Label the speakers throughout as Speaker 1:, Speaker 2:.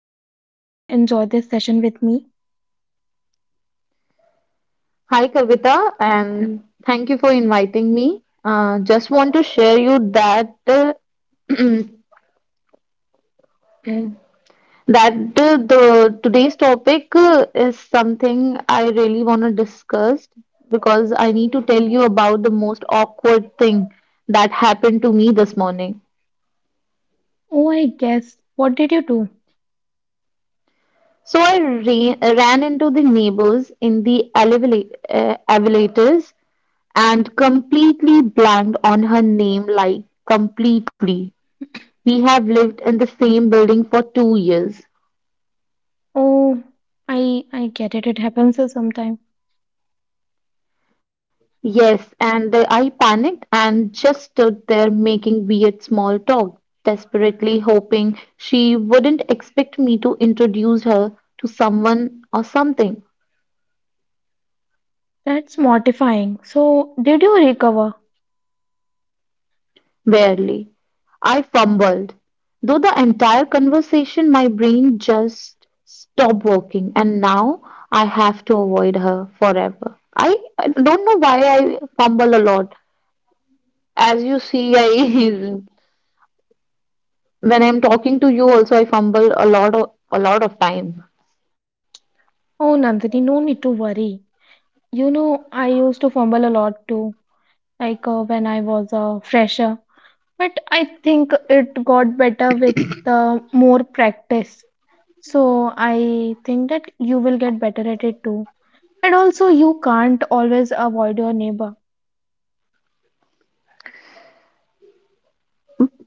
Speaker 1: hope you are gonna enjoy this session with me.
Speaker 2: Hi, Kavita, and thank you for inviting me. Just want to share you that that the today's topic is something I really want to discuss because I need to tell you about the most awkward thing that happened to me this morning.
Speaker 1: Oh, I guess. What did you do?
Speaker 2: So I re ran into the neighbors in the elevator, elevators, and completely blanked on her name, like completely. We have lived in the same building for 2 years.
Speaker 1: Oh, I get it. It happens sometimes.
Speaker 2: Yes, I panicked and just stood there making weird small talk, desperately hoping she wouldn't expect me to introduce her to someone or something.
Speaker 1: That's mortifying. So, did you recover?
Speaker 2: Barely. I fumbled. Though the entire conversation, my brain just stopped working, and now I have to avoid her forever. I don't know why I fumble a lot. As you see, I when I'm talking to you also I fumble a lot of time.
Speaker 1: Oh, Nandini, no need to worry. You know, I used to fumble a lot too, when I was a fresher. But I think it got better with more practice. So, I think that you will get better at it too. And also, you can't always avoid your neighbor.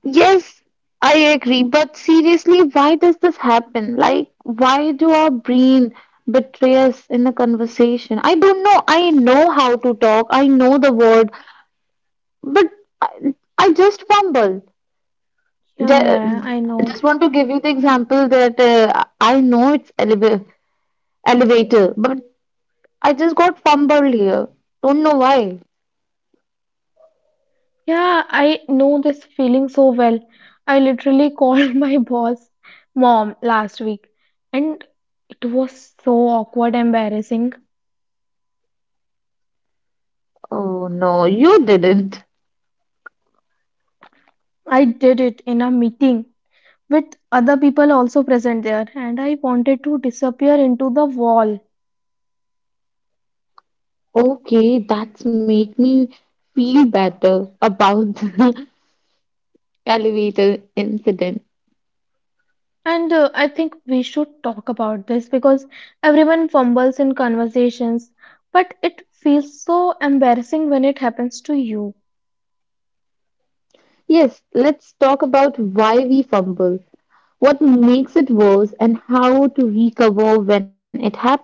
Speaker 2: Yes, I agree, but seriously, why does this happen? Like, why do our brain betray us in a conversation? I don't know. I know how to talk. I know the word, but I just fumble.
Speaker 1: Yeah, yeah, yeah,
Speaker 2: Ju-
Speaker 1: I know.
Speaker 2: Just want to give you the example that I know it's elevator, but I just got fumbled here. Don't know why.
Speaker 1: Yeah, I know this feeling so well. I literally called my boss mom last week, and it was so awkward, embarrassing.
Speaker 2: Oh no, you didn't.
Speaker 1: I did it in a meeting with other people also present there, and I wanted to disappear into the wall.
Speaker 2: Okay, that's make me feel better about the elevator incident.
Speaker 1: And I think we should talk about this because everyone fumbles in conversations, but it feels so embarrassing when it happens to you.
Speaker 2: Yes, let's talk about why we fumble, what makes it worse, and how to recover when it happens.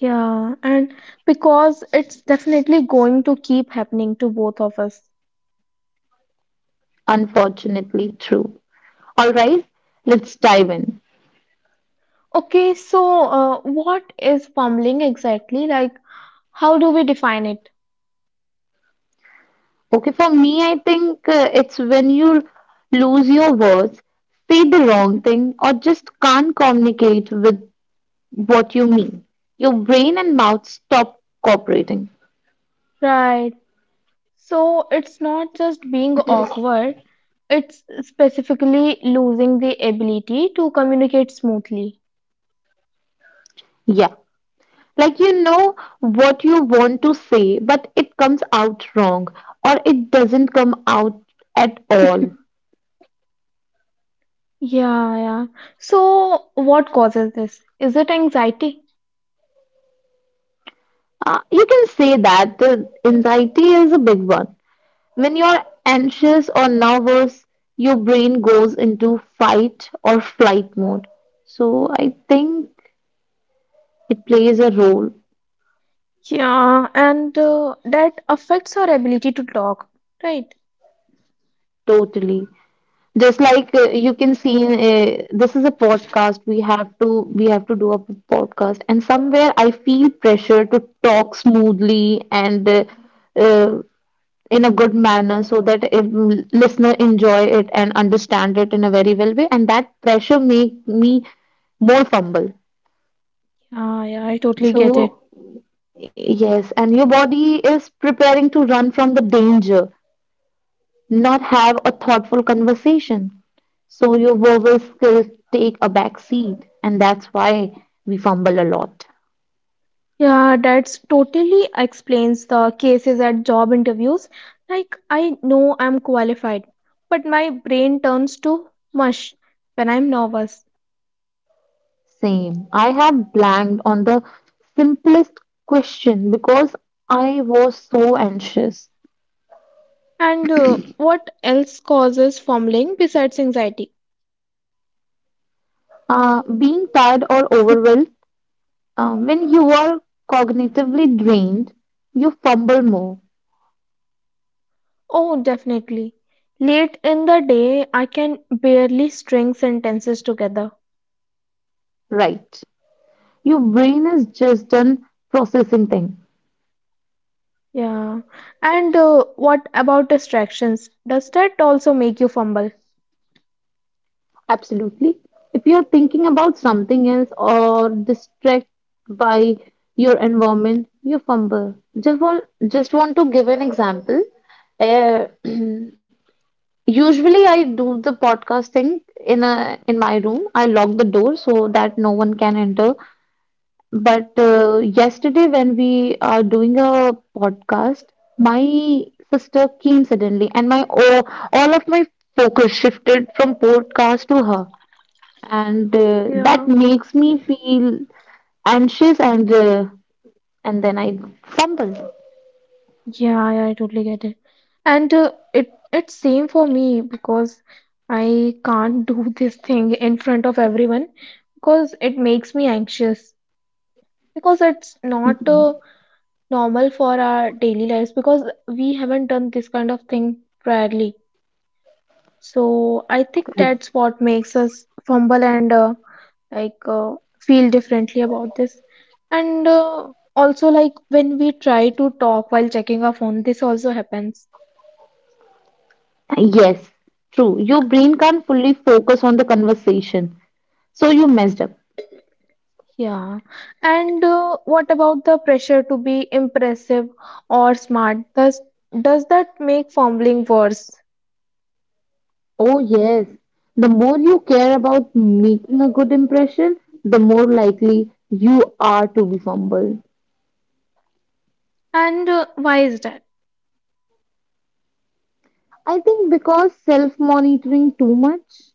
Speaker 1: Yeah, and because it's definitely going to keep happening to both of us.
Speaker 2: Unfortunately, true. All right, let's dive in.
Speaker 1: Okay, what is fumbling exactly? Like, how do we define it?
Speaker 2: Okay, for me, I think it's when you lose your words, say the wrong thing, or just can't communicate with what you mean. Your brain and mouth stop cooperating.
Speaker 1: Right. So it's not just being awkward, it's specifically losing the ability to communicate smoothly.
Speaker 2: Yeah. Like you know what you want to say, but it comes out wrong or it doesn't come out at all.
Speaker 1: Yeah, yeah. So, what causes this? Is it anxiety?
Speaker 2: You can say that the anxiety is a big one. When you're anxious or nervous, your brain goes into fight or flight mode. So I think it plays a role
Speaker 1: Yeah, and that affects our ability to talk, right?
Speaker 2: totally. Just like you can see, this is a podcast. We have to do a podcast, and somewhere I feel pressure to talk smoothly and uh, in a good manner, so that if listener enjoy it and understand it in a very well way, and that pressure make me more fumble.
Speaker 1: Yeah, yeah, I totally get it.
Speaker 2: So, yes, and your body is preparing to run from the danger, not have a thoughtful conversation. So your verbal skills take a back seat, and that's why we fumble a lot.
Speaker 1: Yeah, that's totally explains the cases at job interviews. Like, I know I'm qualified, but my brain turns to mush when I'm nervous.
Speaker 2: Same. I have blanked on the simplest question because I was so anxious.
Speaker 1: And What else causes fumbling besides anxiety?
Speaker 2: Being tired or overwhelmed, when you are cognitively drained, you fumble more,
Speaker 1: Oh, definitely. Late in the day, I can barely string sentences together.
Speaker 2: right? Your brain is just done processing things.
Speaker 1: Yeah. And What about distractions? Does that also make you fumble?
Speaker 2: Absolutely. If you're thinking about something else or distracted by your environment, you fumble. Just want to give an example. Uh, Usually, I do the podcast thing in my room. I lock the door so that no one can enter. But Yesterday, when we are doing a podcast, my sister came suddenly, and all of my focus shifted from podcast to her and that
Speaker 1: Yeah.
Speaker 2: makes me feel anxious and then I fumble.
Speaker 1: Yeah, yeah, I totally get it. And It's same for me because I can't do this thing in front of everyone because it makes me anxious. Because it's not normal for our daily lives because we haven't done this kind of thing priorly. So I think that's what makes us fumble and feel differently about this. And also like when we try to talk while checking our phone, this also happens.
Speaker 2: Yes, true. Your brain can't fully focus on the conversation, so you messed up.
Speaker 1: Yeah. And what about the pressure to be impressive or smart? Does that make fumbling worse?
Speaker 2: Oh, yes. The more you care about making a good impression, the more likely you are to be fumbled.
Speaker 1: And why is that?
Speaker 2: I think because self monitoring too much,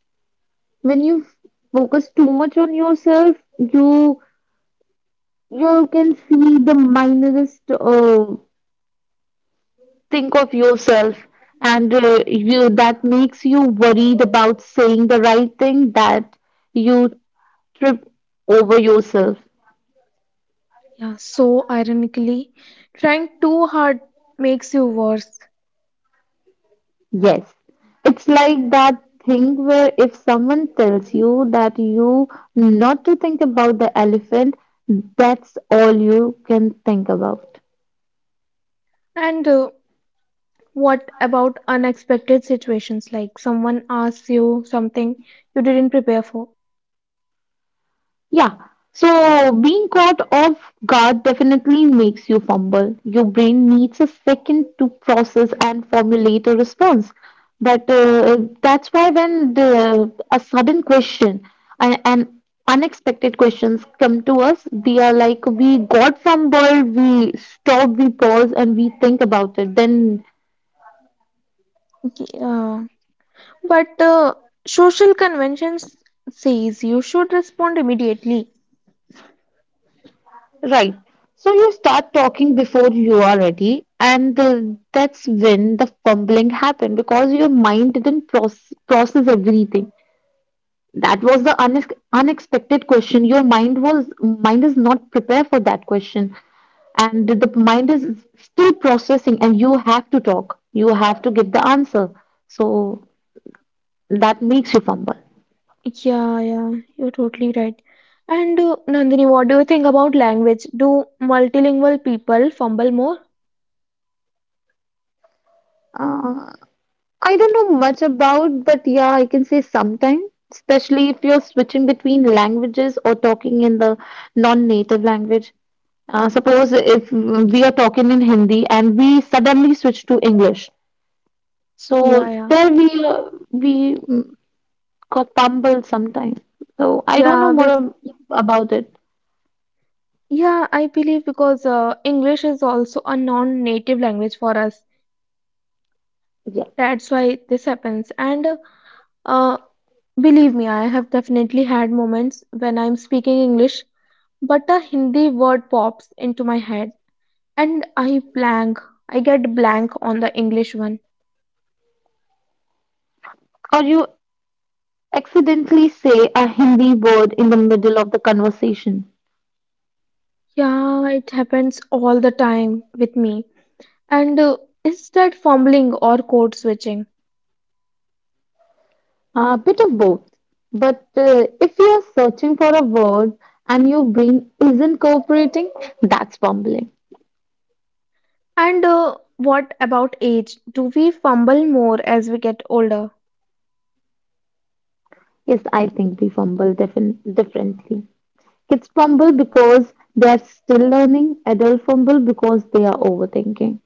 Speaker 2: when you focus too much on yourself, you can see the minorest uh, think of yourself and you that makes you worried about saying the right thing that you trip over yourself,
Speaker 1: Yeah. So ironically, trying too hard makes you worse.
Speaker 2: yes, it's like that thing where if someone tells you that you not to think about the elephant, that's all you can think about.
Speaker 1: And what about unexpected situations like someone asks you something you didn't prepare for?
Speaker 2: Yeah. So being caught off guard definitely makes you fumble. Your brain needs a second to process and formulate a response. But That's why when a sudden question and unexpected questions come to us, we are like we got fumbled. We stop, we pause, and we think about it. Then
Speaker 1: Yeah. But social conventions says you should respond immediately.
Speaker 2: right. So you start talking before you are ready, and that's when the fumbling happened because your mind didn't process everything. That was the unexpected question. Your mind was mind is not prepared for that question, and the mind is still processing, and you have to talk. You have to give the answer. So that makes you fumble.
Speaker 1: Yeah, yeah, you're totally right. And Nandini, what do you think about language? Do multilingual people fumble more?
Speaker 2: Uh, I don't know much about, but yeah, I can say sometime, especially if you're switching between languages or talking in the non-native language. Suppose if we are talking in Hindi and we suddenly switch to English, so
Speaker 1: Yeah, yeah.
Speaker 2: there we mm, got fumbled sometimes. So I don't know
Speaker 1: Yeah,
Speaker 2: more
Speaker 1: be
Speaker 2: about it.
Speaker 1: yeah, I believe because English is also a non-native language for us.
Speaker 2: Yeah,
Speaker 1: That's why this happens. And Uh, believe me, I have definitely had moments when I'm speaking English, but a Hindi word pops into my head and I blank. I get blank on the English one.
Speaker 2: or you accidentally say a Hindi word in the middle of the conversation.
Speaker 1: Yeah, it happens all the time with me. And is that fumbling or code switching?
Speaker 2: A bit of both. But If you are searching for a word and your brain isn't cooperating, that's fumbling.
Speaker 1: And what about age? Do we fumble more as we get older?
Speaker 2: Yes, I think we differently. Kids fumble because they're still learning, adults fumble because they are overthinking.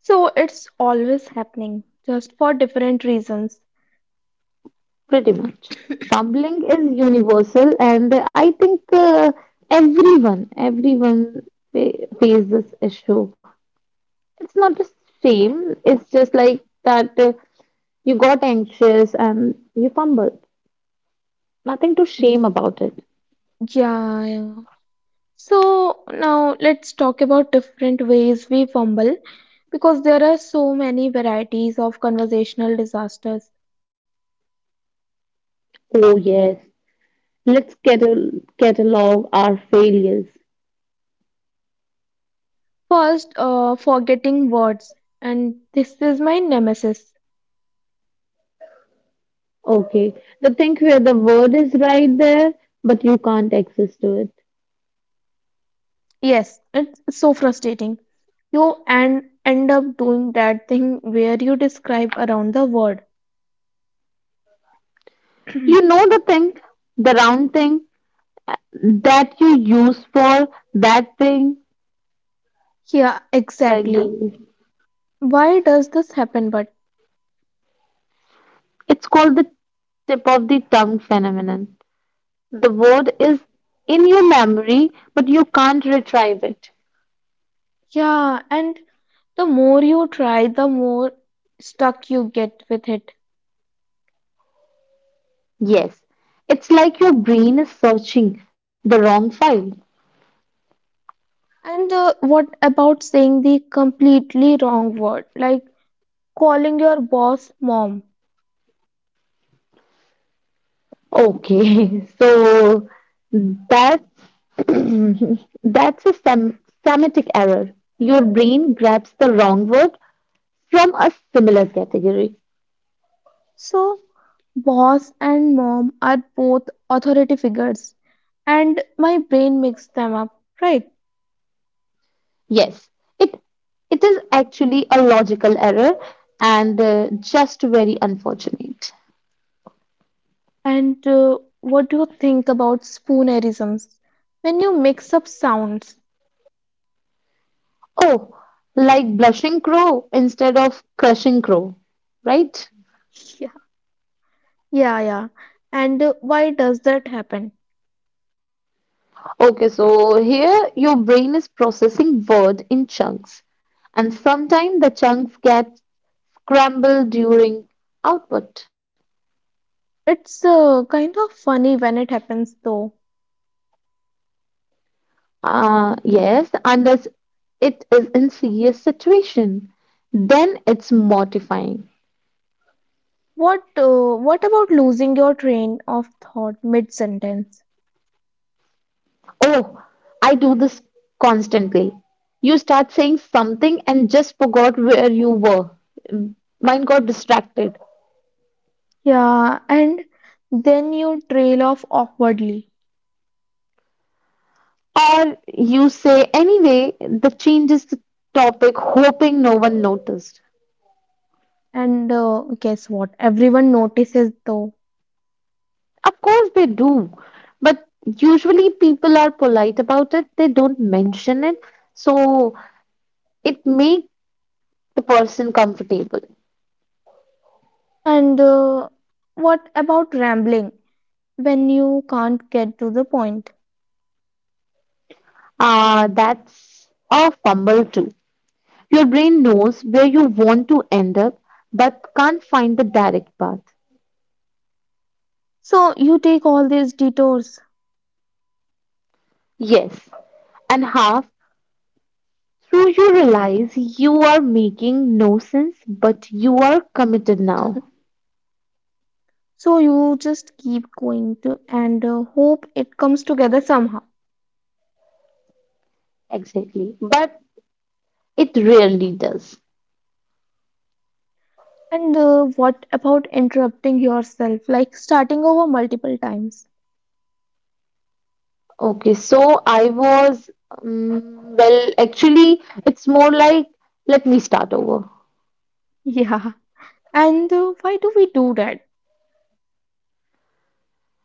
Speaker 1: So it's always happening, just for different reasons.
Speaker 2: Pretty much. Fumbling is universal, and I think everyone fa- faces this issue. It's not a shame, it's just like that. You got anxious and you fumbled. Nothing to shame about it.
Speaker 1: Yeah, yeah. So now let's talk about different ways we fumble because there are so many varieties of conversational disasters.
Speaker 2: Oh, yes. Let's catalog our failures.
Speaker 1: First, forgetting words, and this is my nemesis.
Speaker 2: Okay. The thing where the word is right there, but you can't access to it.
Speaker 1: Yes, it's so frustrating. You and end up doing that thing where you describe around the word.
Speaker 2: You know the thing, the round thing that you use for that thing.
Speaker 1: Yeah,
Speaker 2: Like,
Speaker 1: exactly.
Speaker 2: the-
Speaker 1: Why does this happen? But
Speaker 2: it's called the tip of the tongue phenomenon. The word is in your memory, but you can't retrieve it.
Speaker 1: yeah, and the more you try, the more stuck you get with it.
Speaker 2: Yes, it's like your brain is searching the wrong file.
Speaker 1: And what about saying the completely wrong word, like calling your boss mom?
Speaker 2: Okay, so that's that's a sem- semantic error. Your brain grabs the wrong word from a similar category.
Speaker 1: So, boss and mom are both authority figures, and my brain mixes them up, right?
Speaker 2: Yes, it it is actually a logical error and just very unfortunate.
Speaker 1: And what do you think about spoonerisms? When you mix up sounds.
Speaker 2: Oh, like blushing crow instead of crushing crow, right?
Speaker 1: Yeah, yeah, yeah. And why does that happen?
Speaker 2: Okay, so here your brain is processing word in chunks, and sometimes the chunks get scrambled during output.
Speaker 1: It's kind of funny when it happens, though.
Speaker 2: Yes, unless it is in serious situation, then it's mortifying.
Speaker 1: What about losing your train of thought mid-sentence?
Speaker 2: Oh, I do this constantly. You start saying something and just forgot where you were. Mine got distracted.
Speaker 1: Yeah, and then you trail off awkwardly.
Speaker 2: Or you say anyway, that changes the topic, hoping no one noticed.
Speaker 1: And guess what? Everyone notices though.
Speaker 2: Of course they do, but usually people are polite about it. They don't mention it, so it makes the person comfortable.
Speaker 1: And what about rambling when you can't get to the point?
Speaker 2: Ah, that's a fumble too. Your brain knows where you want to end up, but can't find the direct path.
Speaker 1: So you take all these detours.
Speaker 2: Yes, and half through you realize you are making no sense, but you are committed now.
Speaker 1: So you just keep going to and hope it comes together somehow.
Speaker 2: Exactly, but it rarely does.
Speaker 1: And what about interrupting yourself, like starting over multiple times?
Speaker 2: Okay, so I was, well, actually, it's more like let me start over
Speaker 1: Yeah. And why do we do that?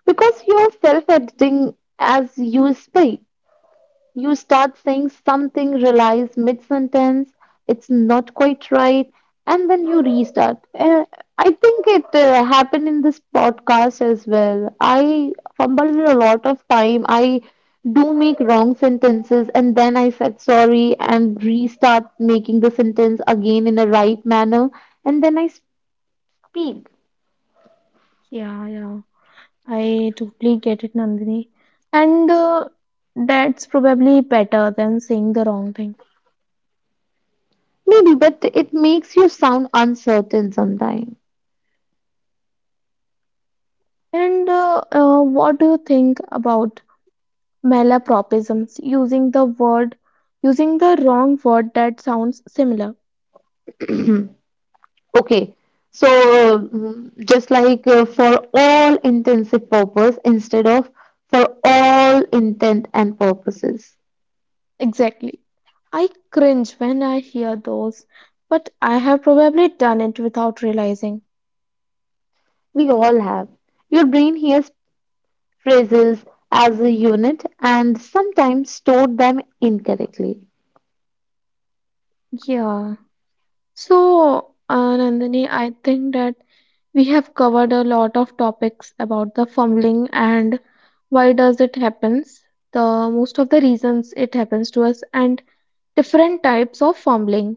Speaker 2: because you're self editing as you speak. You start saying something, realize mid sentence it's not quite right, and then you restart. I think it happened in this podcast as well. I fumbled a lot of time. I do make wrong sentences, and then I said sorry and restart making the sentence again in a right manner, and then I speak.
Speaker 1: Yeah, yeah. I totally get it, Nandini. And that's probably better than saying the wrong thing.
Speaker 2: Maybe, but it makes you sound uncertain sometimes.
Speaker 1: And what do you think about malapropisms using the word, using the wrong word that sounds similar?
Speaker 2: Okay, so just like for all intensive purpose instead of for all intent and purposes,
Speaker 1: Exactly. I cringe when I hear those, but I have probably done it without realizing.
Speaker 2: we all have. Your brain hears phrases as a unit and sometimes stored them incorrectly.
Speaker 1: Yeah. So, Nandini, I think that we have covered a lot of topics about the fumbling and why does it happens, the most of the reasons it happens to us and different types of fumbling.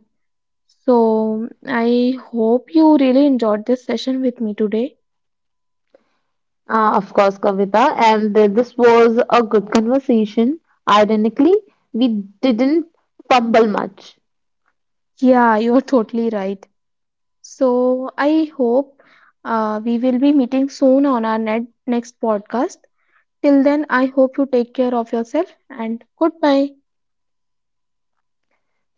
Speaker 1: So I hope you really enjoyed this session with me today.
Speaker 2: Of course, Kavita, and this was a good conversation. Ironically, we didn't fumble much.
Speaker 1: Yeah, you're totally right. So I hope we will be meeting soon on our net next podcast. Till then, I hope you take care of yourself and goodbye.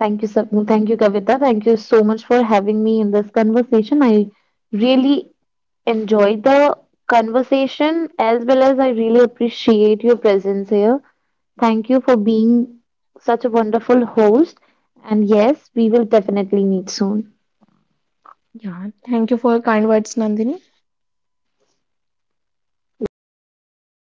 Speaker 2: Thank you, Kavita. Thank you so much for having me in this conversation. I really enjoyed the conversation as well as I really appreciate your presence here. Thank you for being such a wonderful host. And yes, we will definitely meet soon.
Speaker 1: Yeah, thank you for your kind words, Nandini.
Speaker 2: The pleasure is all mine.